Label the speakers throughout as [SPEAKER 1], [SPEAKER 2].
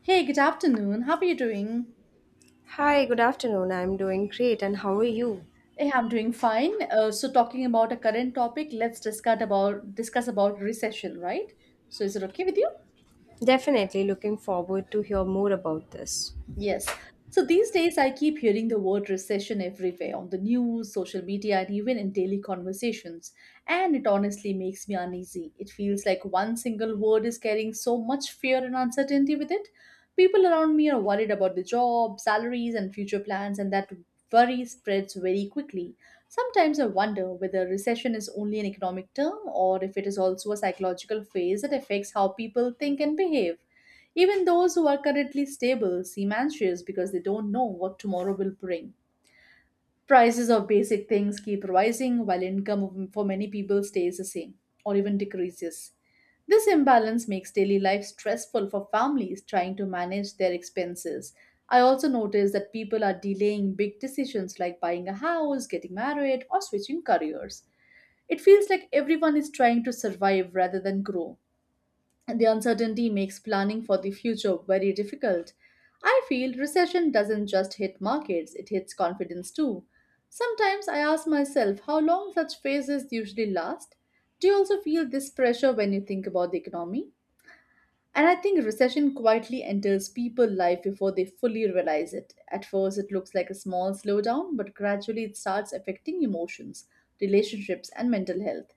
[SPEAKER 1] Hey, good afternoon. How are you doing?
[SPEAKER 2] Hi, good afternoon. I'm doing great and how are you?
[SPEAKER 1] Hey, I'm doing fine. Talking about a current topic, let's discuss about recession, right? So, is it okay with you?
[SPEAKER 2] Definitely looking forward to hear more about this.
[SPEAKER 1] Yes. So these days, I keep hearing the word recession everywhere on the news, social media, and even in daily conversations. And it honestly makes me uneasy. It feels like one single word is carrying so much fear and uncertainty with it. People around me are worried about the job, salaries, and future plans, and that worry spreads very quickly. Sometimes I wonder whether recession is only an economic term or if it is also a psychological phase that affects how people think and behave. Even those who are currently stable seem anxious because they don't know what tomorrow will bring. Prices of basic things keep rising while income for many people stays the same or even decreases. This imbalance makes daily life stressful for families trying to manage their expenses. I also notice that people are delaying big decisions like buying a house, getting married, or switching careers. It feels like everyone is trying to survive rather than grow. The uncertainty makes planning for the future very difficult. I feel recession doesn't just hit markets, it hits confidence too. Sometimes I ask myself how long such phases usually last. Do you also feel this pressure when you think about the economy? And I think recession quietly enters people's life before they fully realize it. At first, it looks like a small slowdown, but gradually it starts affecting emotions, relationships, and mental health.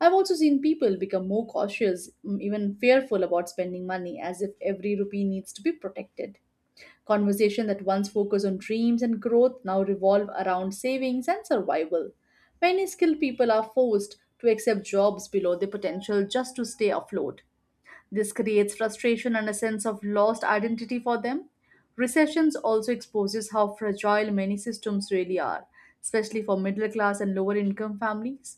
[SPEAKER 1] I've also seen people become more cautious, even fearful about spending money, as if every rupee needs to be protected. Conversation that once focused on dreams and growth now revolve around savings and survival. Many skilled people are forced to accept jobs below their potential just to stay afloat. This creates frustration and a sense of lost identity for them. Recessions also exposes how fragile many systems really are, especially for middle class and lower income families.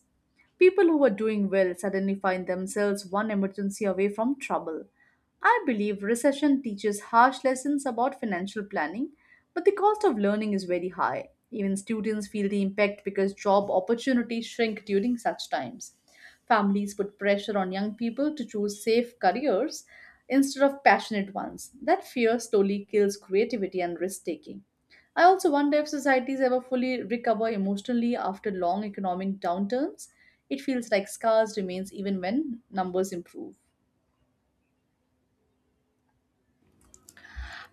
[SPEAKER 1] People who were doing well suddenly find themselves one emergency away from trouble. I believe recession teaches harsh lessons about financial planning, but the cost of learning is very high. Even students feel the impact because job opportunities shrink during such times. Families put pressure on young people to choose safe careers instead of passionate ones. That fear slowly kills creativity and risk taking. I also wonder if societies ever fully recover emotionally after long economic downturns. It feels like scars remains even when numbers improve.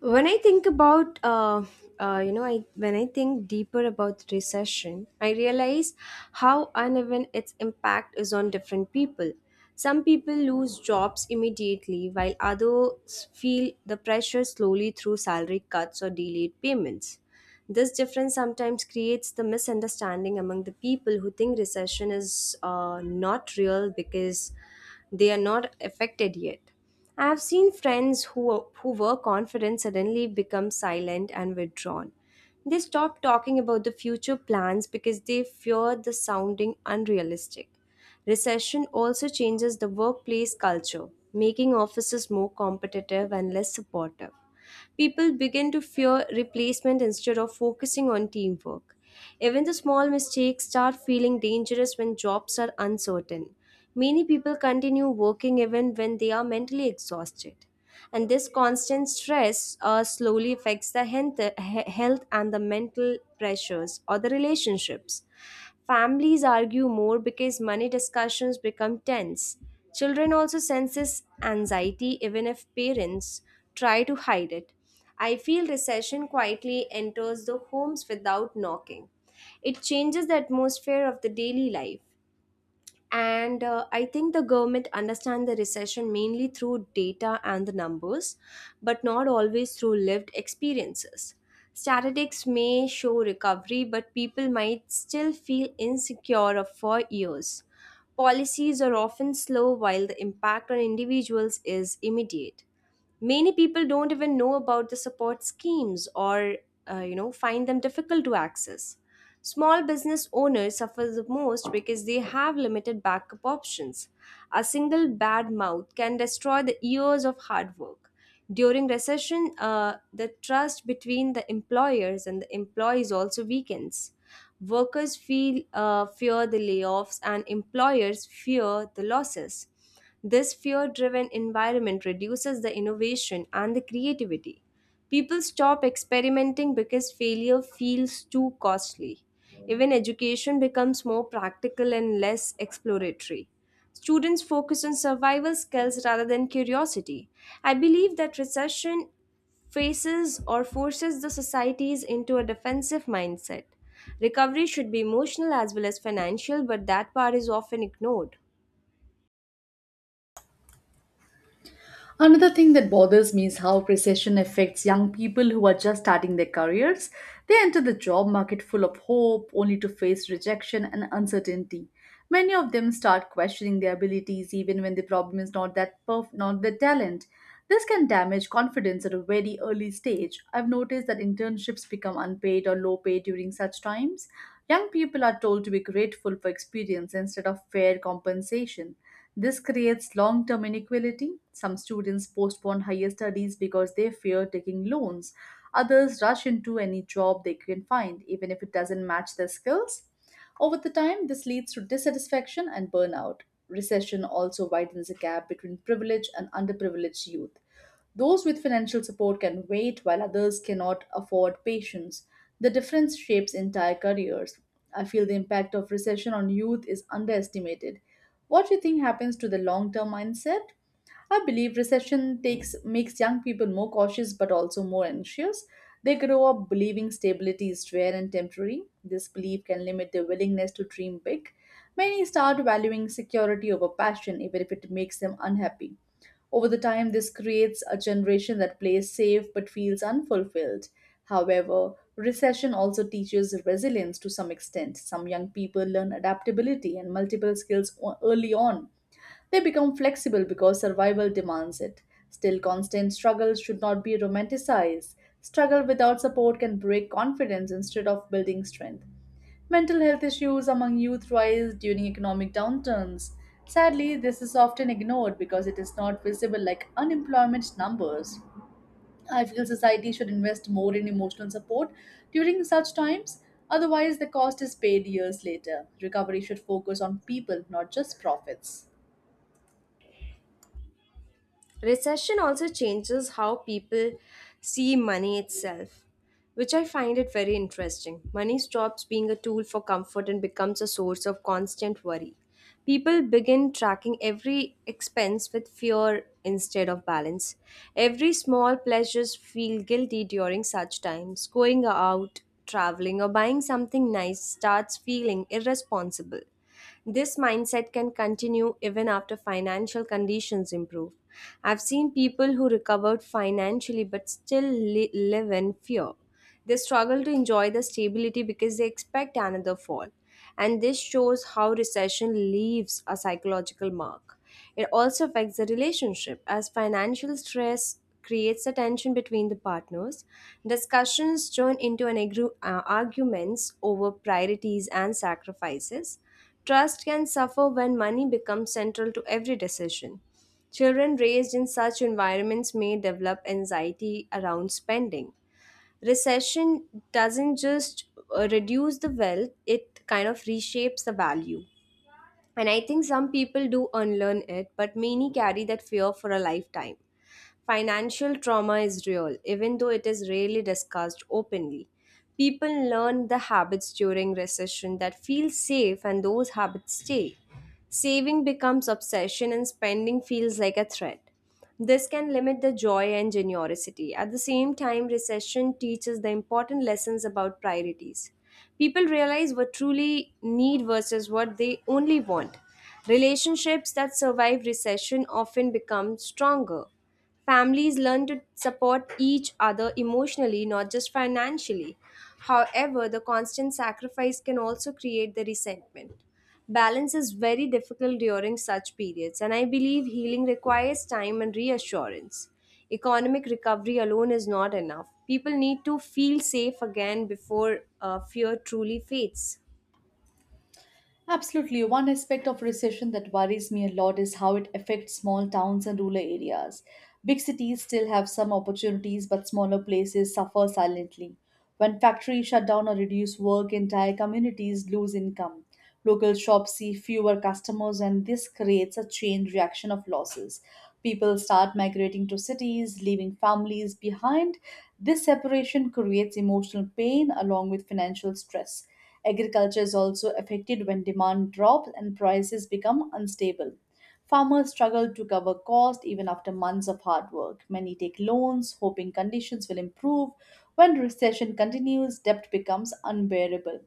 [SPEAKER 2] When I think about you know I when I think deeper about recession, I realize how uneven its impact is on different people. Some people lose jobs immediately while others feel the pressure slowly through salary cuts or delayed payments. This difference sometimes creates the misunderstanding among the people who think recession is not real because they are not affected yet. I've seen friends who were confident suddenly become silent and withdrawn. They stop talking about the future plans because they fear the sounding unrealistic. Recession also changes the workplace culture, making offices more competitive and less supportive. People begin to fear replacement instead of focusing on teamwork. Even the small mistakes start feeling dangerous when jobs are uncertain. Many people continue working even when they are mentally exhausted. And this constant stress slowly affects the health and the mental pressures or the relationships. Families argue more because money discussions become tense. Children also sense this anxiety even if parents try to hide it. I feel recession quietly enters the homes without knocking. It changes the atmosphere of the daily life, and I think the government understand the recession mainly through data and the numbers, but not always through lived experiences. Statistics may show recovery but people might still feel insecure for years. Policies are often slow while the impact on individuals is immediate. Many people don't even know about the support schemes or find them difficult to access. Small business owners suffer the most because they have limited backup options. A single bad mouth can destroy the years of hard work. During recession, the trust between the employers and the employees also weakens. Workers feel fear the layoffs and employers fear the losses. This fear driven environment reduces the innovation and the creativity. People stop experimenting because failure feels too costly. Even education becomes more practical and less exploratory. Students focus on survival skills rather than curiosity. I believe that recession faces or forces the societies into a defensive mindset. Recovery should be emotional as well as financial, but that part is often ignored.
[SPEAKER 1] Another thing that bothers me is how recession affects young people who are just starting their careers. They enter the job market full of hope only to face rejection and uncertainty. Many of them start questioning their abilities even when the problem is not that perf- not their talent. This can damage confidence at a very early stage. I've noticed that internships become unpaid or low paid during such times. Young people are told to be grateful for experience instead of fair compensation. This creates long term inequality. Some students postpone higher studies because they fear taking loans. Others rush into any job they can find, even if it doesn't match their skills. Over the time, this leads to dissatisfaction and burnout. Recession also widens the gap between privileged and underprivileged youth. Those with financial support can wait while others cannot afford patience. The difference shapes entire careers. I feel the impact of recession on youth is underestimated. What do you think happens to the long-term mindset? I believe recession takes makes young people more cautious but also more anxious. They grow up believing stability is rare and temporary. This belief can limit their willingness to dream big. Many start valuing security over passion, even if it makes them unhappy. Over the time, this creates a generation that plays safe but feels unfulfilled. However, recession also teaches resilience to some extent. Some young people learn adaptability and multiple early on. They become flexible because survival demands it. Still, constant struggle should not be romanticized. Struggle without support can break confidence instead of building strength. Mental health issues among youth rise during economic downturns. Sadly, this is often ignored because it is not visible like unemployment numbers. I feel society should invest more in emotional support during such times, otherwise, the cost is paid years later. Recovery should focus on people, not just profits.
[SPEAKER 2] Recession also changes how people see money itself, which I find it very interesting. Money stops being a tool for comfort and becomes a source of constant worry. People begin tracking every expense with fear instead of balance. Every small pleasures feel guilty during such times. Going out, traveling, or buying something nice starts feeling irresponsible. This mindset can continue even after financial conditions improve. I've seen people who recovered financially but live in fear. They struggle to enjoy the stability because they expect another fall. And this shows how recession leaves a psychological mark. It also affects the relationship as financial stress creates a tension between the partners. Discussions turn into arguments over priorities and sacrifices. Trust can suffer when money becomes central to every decision. Children raised in such environments may develop anxiety around spending. Recession doesn't just reduce the wealth, it kind of reshapes the value, and I think some people do unlearn it, but many carry that fear for a lifetime. Financial trauma is real, even though it is rarely discussed openly. People learn the habits during recession that feel safe, and those habits stay. Saving becomes obsession, and spending feels like a threat. This can limit the joy and generosity. At the same time, recession teaches the important lessons about priorities. People realize what truly need versus what they only want. Relationships that survive recession often become stronger. Families learn to support each other emotionally, not just financially. However, the constant sacrifice can also create the resentment. Balance is very difficult during such periods, and I believe healing requires time and reassurance. Economic recovery alone is not enough. People need to feel safe again before fear truly fades.
[SPEAKER 1] Absolutely. One aspect of recession that worries me a lot is how it affects small towns and rural areas. Big cities still have some opportunities, but smaller places suffer silently. When factories shut down or reduce work, entire communities lose income. Local shops see fewer customers, and this creates a chain reaction of losses. People start migrating to cities, leaving families behind. This separation creates emotional pain along with financial stress. Agriculture is also affected when demand drops and prices become unstable. Farmers struggle to cover costs even after months of hard work. Many take loans, hoping conditions will improve. When recession continues, debt becomes unbearable.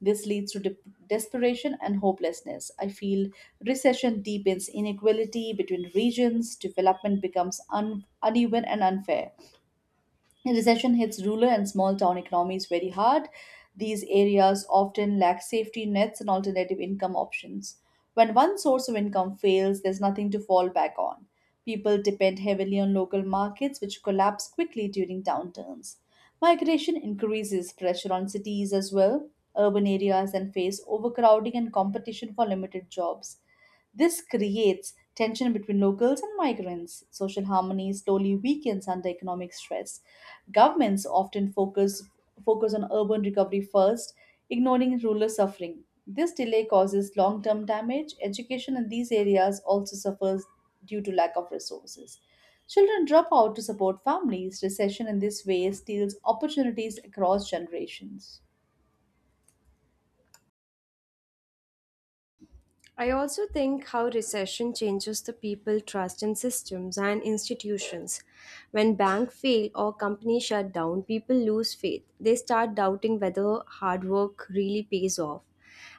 [SPEAKER 1] This leads to dep desperation and hopelessness. I feel recession deepens inequality between regions, development becomes uneven and unfair. Recession hits rural and small town economies very hard. These areas often lack safety nets and alternative income options. When one source of income fails, there's nothing to fall back on. People depend heavily on local markets, which collapse quickly during downturns. Migration increases pressure on cities as well. Urban areas then face overcrowding and competition for limited jobs. This creates tension between locals and migrants. Social harmony slowly weakens under economic stress. Governments often focus on urban recovery first, ignoring rural suffering. This delay causes long-term damage. Education in these areas also suffers due to lack of resources. Children drop out to support families. Recession in this way steals opportunities across generations.
[SPEAKER 2] I also think how recession changes the people trust in systems and institutions. When banks fail or companies shut down, people lose faith. They start doubting whether hard work really pays off.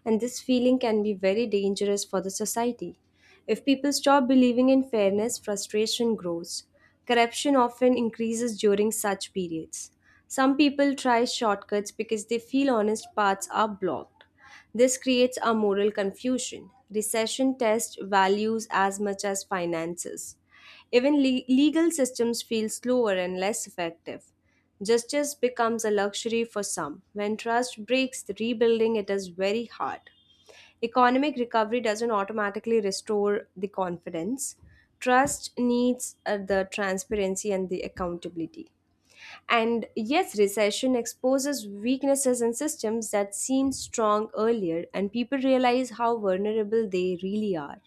[SPEAKER 2] And this feeling can be very dangerous for the society. If people stop believing in fairness, frustration grows. Corruption often increases during such periods. Some people try shortcuts because they feel honest paths are blocked. This creates a moral confusion. Recession tests values as much as finances. Even legal systems feel slower and less effective. Justice becomes a luxury for some. When trust breaks, the rebuilding it is very hard. Economic recovery doesn't automatically restore the confidence. Trust needs the transparency and the accountability. And yes, recession exposes weaknesses in systems that seemed strong earlier, and people realize how vulnerable they really are.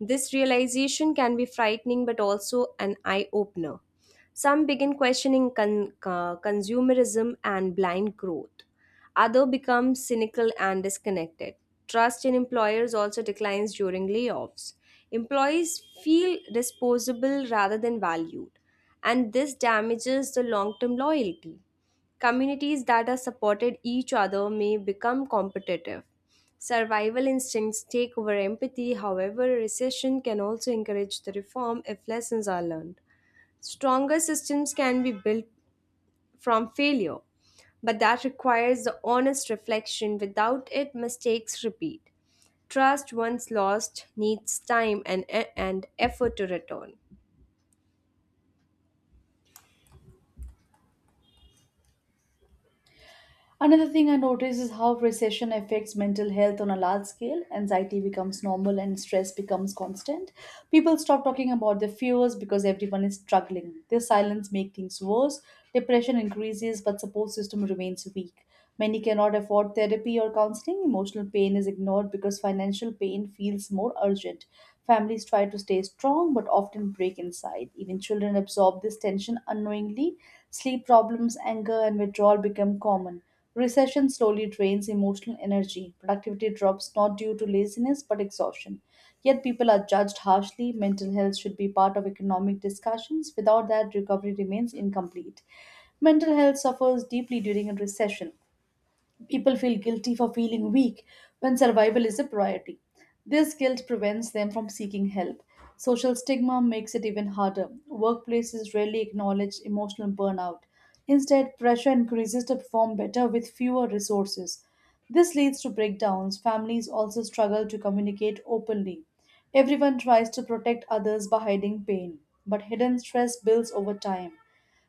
[SPEAKER 2] This realization can be frightening but also an eye opener. Some begin questioning consumerism and blind growth. Others become cynical and disconnected. Trust in employers also declines during layoffs. Employees feel disposable rather than valued, and this damages the long term loyalty. Communities that are supported each other may become competitive. Survival instincts take over empathy. However, recession can also encourage the reform if lessons are learned. Stronger systems can be built from failure, but that requires the honest reflection. Without it, mistakes repeat. Trust once lost needs time and effort to return.
[SPEAKER 1] Another thing I notice is how recession affects mental health on a large scale. Anxiety becomes normal and stress becomes constant. People stop talking about their fears because everyone is struggling. Their silence makes things worse. Depression increases, but support system remains weak. Many cannot afford therapy or counseling. Emotional pain is ignored because financial pain feels more urgent. Families try to stay strong but often break inside. Even children absorb this tension unknowingly. Sleep problems, anger, and withdrawal become common. Recession slowly drains emotional energy. Productivity drops not due to laziness but exhaustion. Yet people are judged harshly. Mental health should be part of economic discussions. Without that, recovery remains incomplete. Mental health suffers deeply during a recession. People feel guilty for feeling weak when survival is a priority. This guilt prevents them from seeking help. Social stigma makes it even harder. Workplaces rarely acknowledge emotional burnout. Instead, pressure increases to perform better with fewer resources. This leads to breakdowns. Families also struggle to communicate openly. Everyone tries to protect others by hiding pain, but hidden stress builds over time.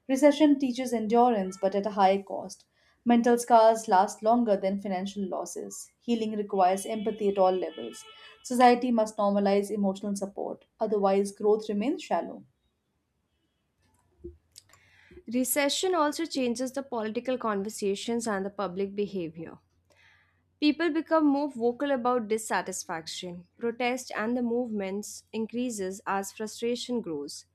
[SPEAKER 1] Recession teaches endurance, but at a high cost. Mental scars last longer than financial losses. Healing requires empathy at all levels. Society must normalize emotional support, otherwise, growth remains shallow.
[SPEAKER 2] Recession also changes the political conversations and the public behavior. People become more vocal about dissatisfaction. Protest and the movements increases as frustration grows.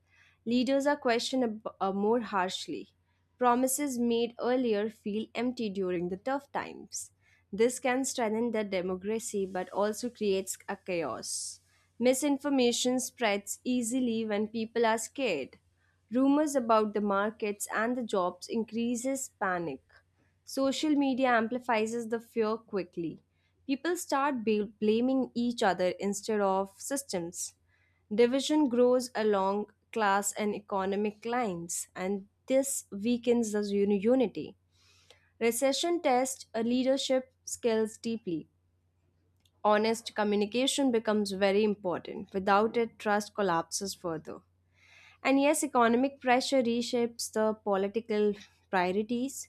[SPEAKER 2] Leaders are questioned more harshly. Promises made earlier feel empty during the tough times. This can strengthen the democracy but also creates a chaos. Misinformation spreads easily when people are scared. Rumors about the markets and the jobs increases panic. Social media amplifies the fear quickly. People start blaming each other instead of systems. Division grows along class and economic lines, and this weakens the unity. Recession tests a leadership skills deeply. Honest communication becomes very important. Without it, trust collapses further. And yes, economic pressure reshapes the political priorities.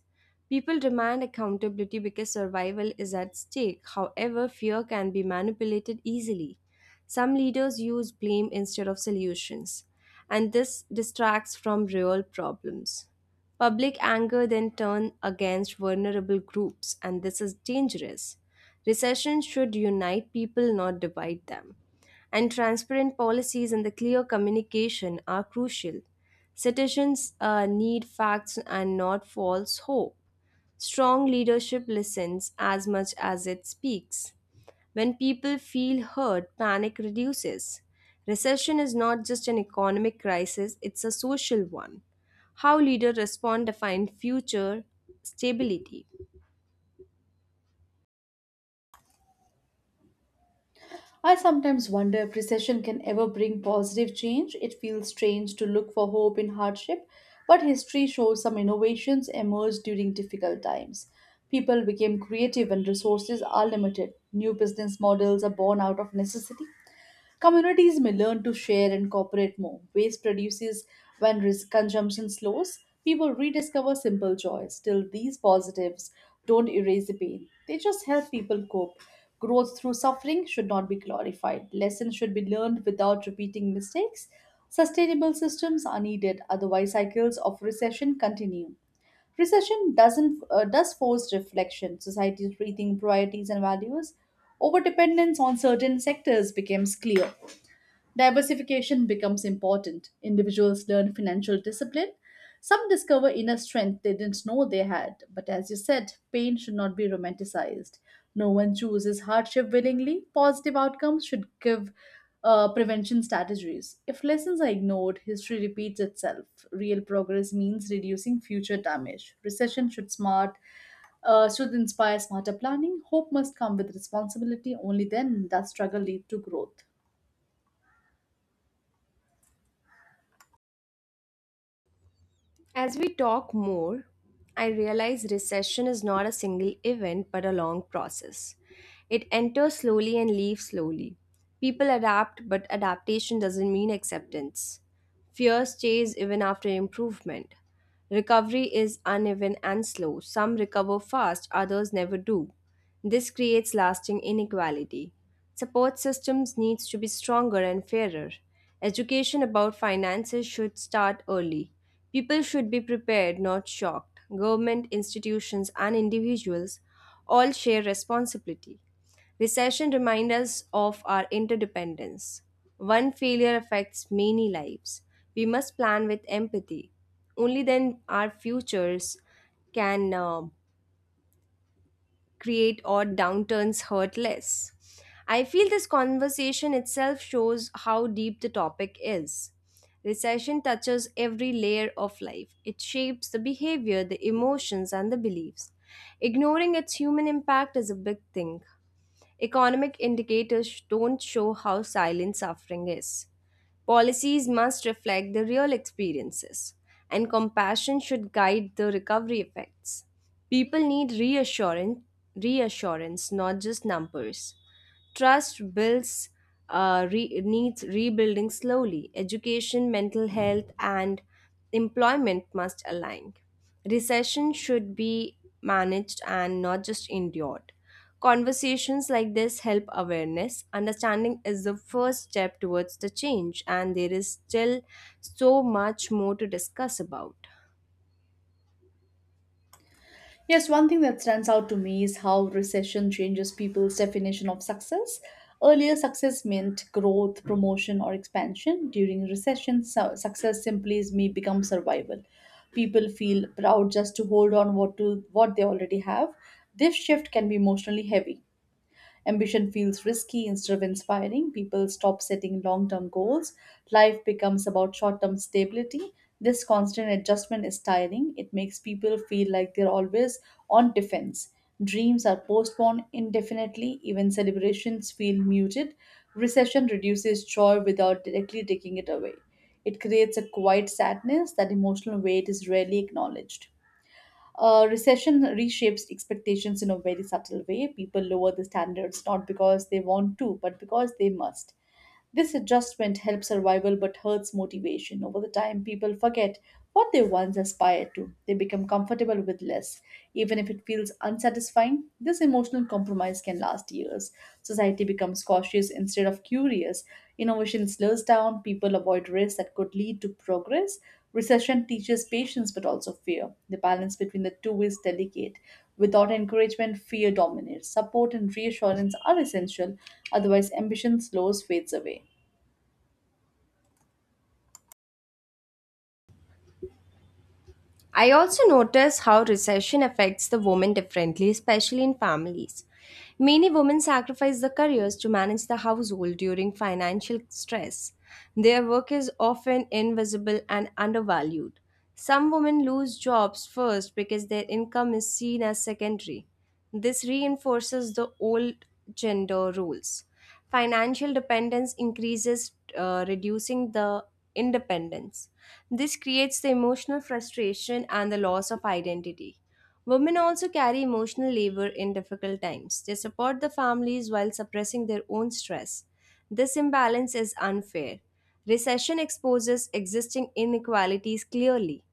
[SPEAKER 2] People demand accountability because survival is at stake. However, fear can be manipulated easily. Some leaders use blame instead of solutions, and this distracts from real problems. Public anger then turns against vulnerable groups, and this is dangerous. Recession should unite people, not divide them, and transparent policies and the clear communication are crucial. Citizens need facts and not false hope. Strong leadership listens as much as it speaks. When people feel heard, panic reduces. Recession is not just an economic crisis, it's a social one. How leaders respond define future stability.
[SPEAKER 1] I sometimes wonder if recession can ever bring positive change. It feels strange to look for hope in hardship, but history shows some innovations emerged during difficult times. People became creative when resources are limited. New business models are born out of necessity. Communities may learn to share and cooperate more. Waste reduces when risk consumption slows. People rediscover simple joys. Still, these positives don't erase the pain, they just help people cope. Growth through suffering should not be glorified. Lessons should be learned without repeating mistakes. Sustainable systems are needed, otherwise, cycles of recession continue. Recession doesn't does force reflection. Societies rethink priorities and values. Overdependence on certain sectors becomes clear. Diversification becomes important. Individuals learn financial discipline. Some discover inner strength they didn't know they had. But as you said, pain should not be romanticized. No one chooses hardship willingly. Positive outcomes should give prevention strategies. If lessons are ignored, history repeats itself. Real progress means reducing future damage. Recession should inspire smarter planning. Hope must come with responsibility. Only then does struggle lead to growth.
[SPEAKER 2] As we talk more, I realize recession is not a single event but a long process. It enters slowly and leaves slowly. People adapt, but adaptation doesn't mean acceptance. Fear stays even after improvement. Recovery is uneven and slow. Some recover fast, others never do. This creates lasting inequality. Support systems needs to be stronger and fairer. Education about finances should start early. People should be prepared, not shocked. Government institutions and individuals all share responsibility. Recession reminds us of our interdependence. One failure affects many lives. We must plan with empathy. Only then our futures can create or downturns hurt less. I feel this conversation itself shows how deep the topic is. Recession touches every layer of life. It shapes the behavior, the emotions, and the beliefs. Ignoring its human impact is a big thing. Economic indicators don't show how silent suffering is. Policies must reflect the real experiences, and compassion should guide the recovery effects. People need reassurance, not just numbers. Trust needs rebuilding slowly. Education, mental health, and employment must align. Recession should be managed and not just endured. Conversations like this help awareness. Understanding is the first step towards the change, and there is still so much more to discuss about.
[SPEAKER 1] Yes, one thing that stands out to me is how recession changes people's definition of success. Earlier, success meant growth, promotion, or expansion. During recession, success simply is may become survival. People feel proud just to hold on what they already have. This shift can be emotionally heavy. Ambition feels risky instead of inspiring. People stop setting long term goals. Life becomes about short term stability. This constant adjustment is tiring. It makes people feel like they're always on defense. Dreams are postponed indefinitely, even celebrations feel muted. Recession reduces joy without directly taking it away. It creates a quiet sadness that emotional weight is rarely acknowledged. Recession reshapes expectations in a very subtle way. People lower the standards not because they want to, but because they must. This adjustment helps survival but hurts motivation. Over the time, people forget what they once aspired to. They become comfortable with less, even if it feels unsatisfying. This emotional compromise can last years. Society becomes cautious instead of curious. Innovation slows down, people avoid risks that could lead to progress. Recession teaches patience but also fear. The balance between the two is delicate. Without encouragement, fear dominates. Support and reassurance are essential, otherwise, ambition slows fades away.
[SPEAKER 2] I also notice how recession affects the women differently, especially in families. Many women sacrifice their careers to manage the household during financial stress. Their work is often invisible and undervalued. Some women lose jobs first because their income is seen as secondary. This reinforces the old gender roles. Financial dependence increases, reducing the independence. This creates the emotional frustration and the loss of identity. Women also carry emotional labor in difficult times. They support the families while suppressing their own stress. This imbalance is unfair. Recession exposes existing inequalities clearly.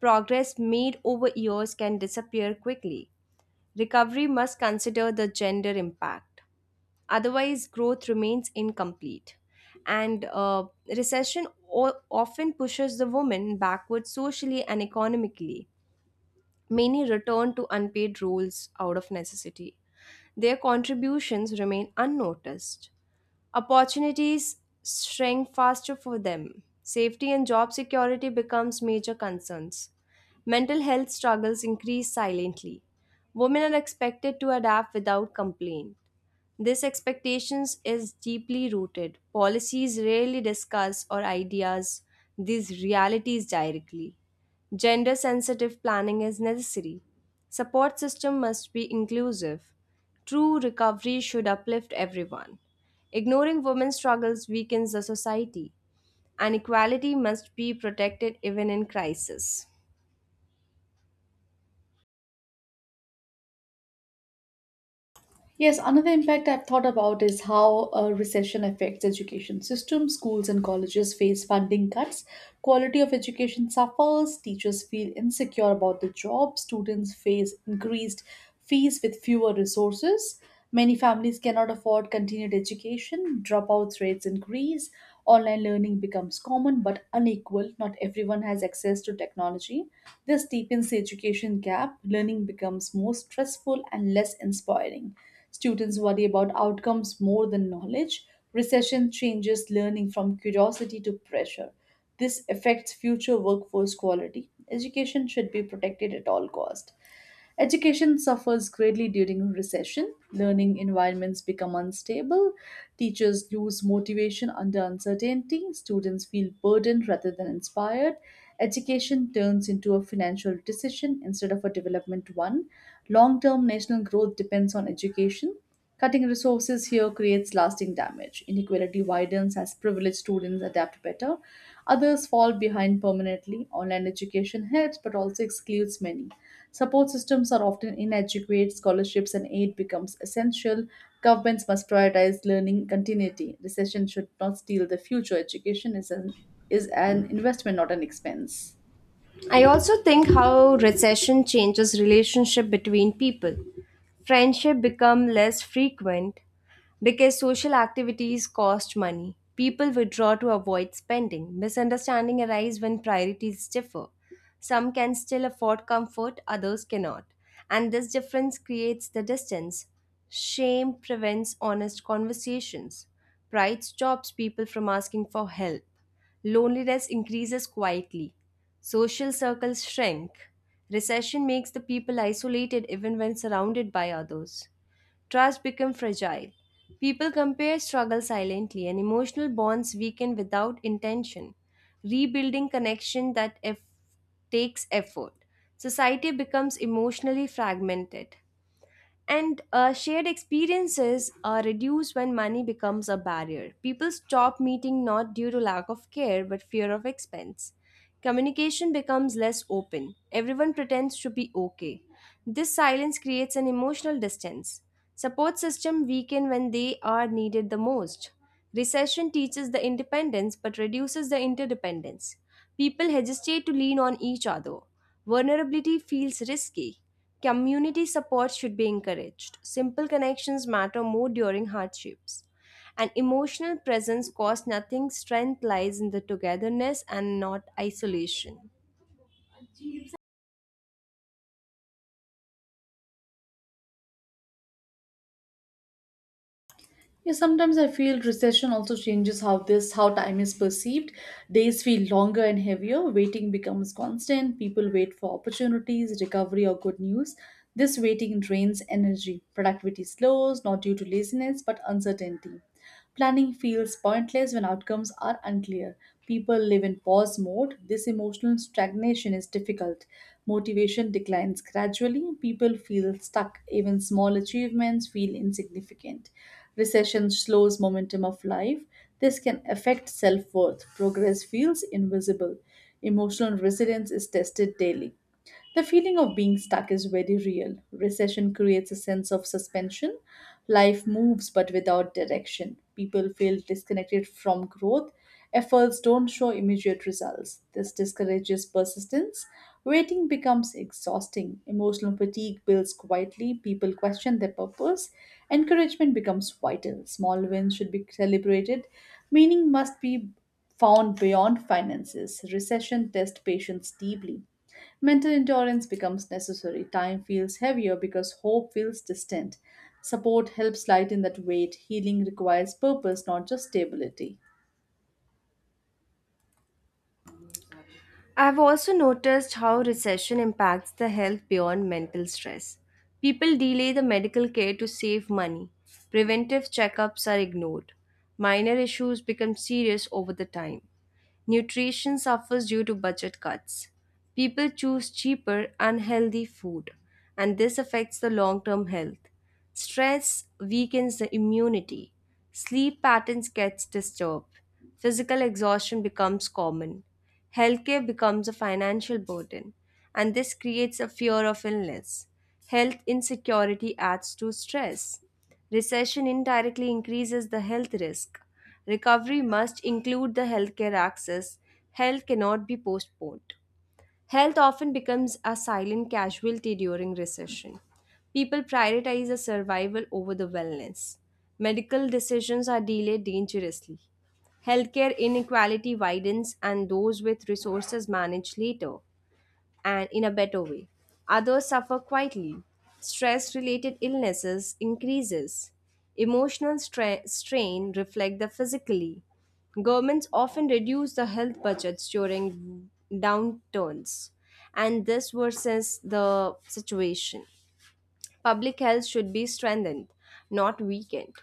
[SPEAKER 2] Progress made over years can disappear quickly. Recovery must consider the gender impact. Otherwise, growth remains incomplete. And recession often pushes the woman backwards socially and economically. Many return to unpaid roles out of necessity. Their contributions remain unnoticed. Opportunities shrink faster for them. Safety and job security becomes major concerns. Mental health struggles increase silently. Women are expected to adapt without complaint. This expectations is deeply rooted. Policies rarely discuss or ideas these realities directly. Gender sensitive planning is necessary. Support system must be inclusive. True recovery should uplift everyone. Ignoring women's struggles weakens the society, and equality must be protected even in crisis.
[SPEAKER 1] Yes, another impact I've thought about is how a recession affects education system. Schools and colleges face funding cuts, quality of education suffers, teachers feel insecure about the job, students face increased fees with fewer resources. Many families cannot afford continued education, dropout rates increase, online learning becomes common but unequal, not everyone has access to technology. This deepens the education gap, learning becomes more stressful and less inspiring. Students worry about outcomes more than knowledge. Recession changes learning from curiosity to pressure. This affects future workforce quality. Education should be protected at all cost. Education suffers greatly during recession. Learning environments become unstable. Teachers lose motivation under uncertainty. Students feel burdened rather than inspired. Education turns into a financial decision instead of a development one. Long term national growth depends on education. Cutting resources here creates lasting damage. Inequality widens as privileged students adapt better. Others fall behind permanently. Online education helps but also excludes many. Support systems are often inadequate, scholarships and aid becomes essential. Governments must prioritize learning continuity. Recession should not steal the future. Education is an investment, not an expense.
[SPEAKER 2] I also think how recession changes relationship between people. Friendship become less frequent, because social activities cost money, people withdraw to avoid spending. Misunderstanding arise when priorities differ. Some can still afford comfort, others cannot. And this difference creates the distance. Shame prevents honest conversations. Pride stops people from asking for help. Loneliness increases quietly. Social circles shrink. Recession makes the people isolated even when surrounded by others. Trust becomes fragile. People compare struggle silently and emotional bonds weaken without intention. Rebuilding connection takes effort. Society becomes emotionally fragmented. And shared experiences are reduced when money becomes a barrier. People stop meeting not due to lack of care but fear of expense. Communication becomes less open. Everyone pretends to be okay. This silence creates an emotional distance. Support system weaken when they are needed the most. Recession teaches the independence but reduces the interdependence. People hesitate to lean on each other. Vulnerability feels risky. Community support should be encouraged. Simple connections matter more during hardships. An emotional presence costs nothing. Strength lies in the togetherness and not isolation.
[SPEAKER 1] Yeah, sometimes I feel recession also changes how time is perceived. Days feel longer and heavier. Waiting becomes constant. People wait for opportunities, recovery, or good news. This waiting drains energy. Productivity slows, not due to laziness, but uncertainty. Planning feels pointless when outcomes are unclear. People live in pause mode. This emotional stagnation is difficult. Motivation declines gradually. People feel stuck. Even small achievements feel insignificant. Recession slows momentum of life. This can affect self worth. Progress feels invisible. Emotional resilience is tested daily. The feeling of being stuck is very real. Recession creates a sense of suspension. Life moves but without direction. People feel disconnected from growth. Efforts don't show immediate results. This discourages persistence. Waiting becomes exhausting. Emotional fatigue builds quietly. People question their purpose. Encouragement becomes vital. Small wins should be celebrated. Meaning must be found beyond finances. Recession tests patience deeply. Mental endurance becomes necessary. Time feels heavier because hope feels distant. Support helps lighten that weight. Healing requires purpose, not just stability.
[SPEAKER 2] I've also noticed how recession impacts the health beyond mental stress. People delay the medical care to save money. Preventive checkups are ignored. Minor issues become serious over the time. Nutrition suffers due to budget cuts. People choose cheaper, unhealthy food, and this affects the long term health. Stress weakens the immunity. Sleep patterns gets disturbed. Physical exhaustion becomes common. Healthcare becomes a financial burden, and this creates a fear of illness. Health insecurity adds to stress. Recession indirectly increases the health risk. Recovery must include the healthcare access. Health cannot be postponed. Health often becomes a silent casualty during recession. People prioritize the survival over the wellness. Medical decisions are delayed dangerously. Healthcare inequality widens, and those with resources manage later and in a better way. Others suffer quietly. Stress related illnesses increases. Emotional strain reflect the physically. Governments often reduce the health budgets during downturns, and this worsens the situation. Public health should be strengthened, not weakened.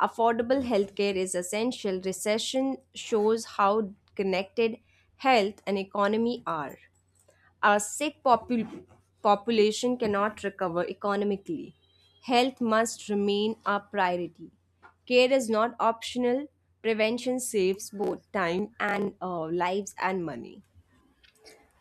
[SPEAKER 2] Affordable healthcare is essential. Recession shows how connected health and economy are. A population cannot recover economically. Health must remain a priority. Care is not optional. Prevention saves both time and lives and money.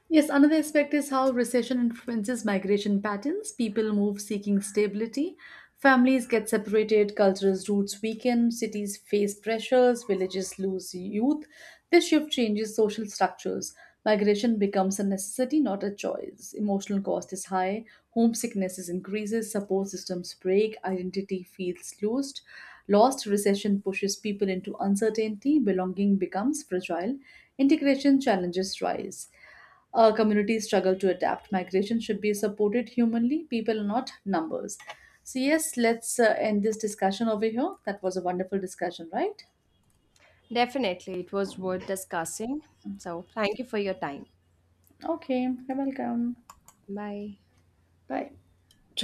[SPEAKER 1] Yes, another aspect is how recession influences migration patterns. People move seeking stability, families get separated, cultural roots weaken, cities face pressures, villages lose youth. This shift changes social structures. Migration becomes a necessity, not a choice. Emotional cost is high, homesickness is increases, support systems break, identity feels lost. Lost recession pushes people into uncertainty, belonging becomes fragile, integration challenges rise. A community struggle to adapt. Migration should be supported humanly, people, not numbers. So, yes, let's end this discussion over here. That was a wonderful discussion, right?
[SPEAKER 2] Definitely, it was worth discussing. So, thank you for your time.
[SPEAKER 1] Okay, you're welcome.
[SPEAKER 2] Bye.
[SPEAKER 1] Bye.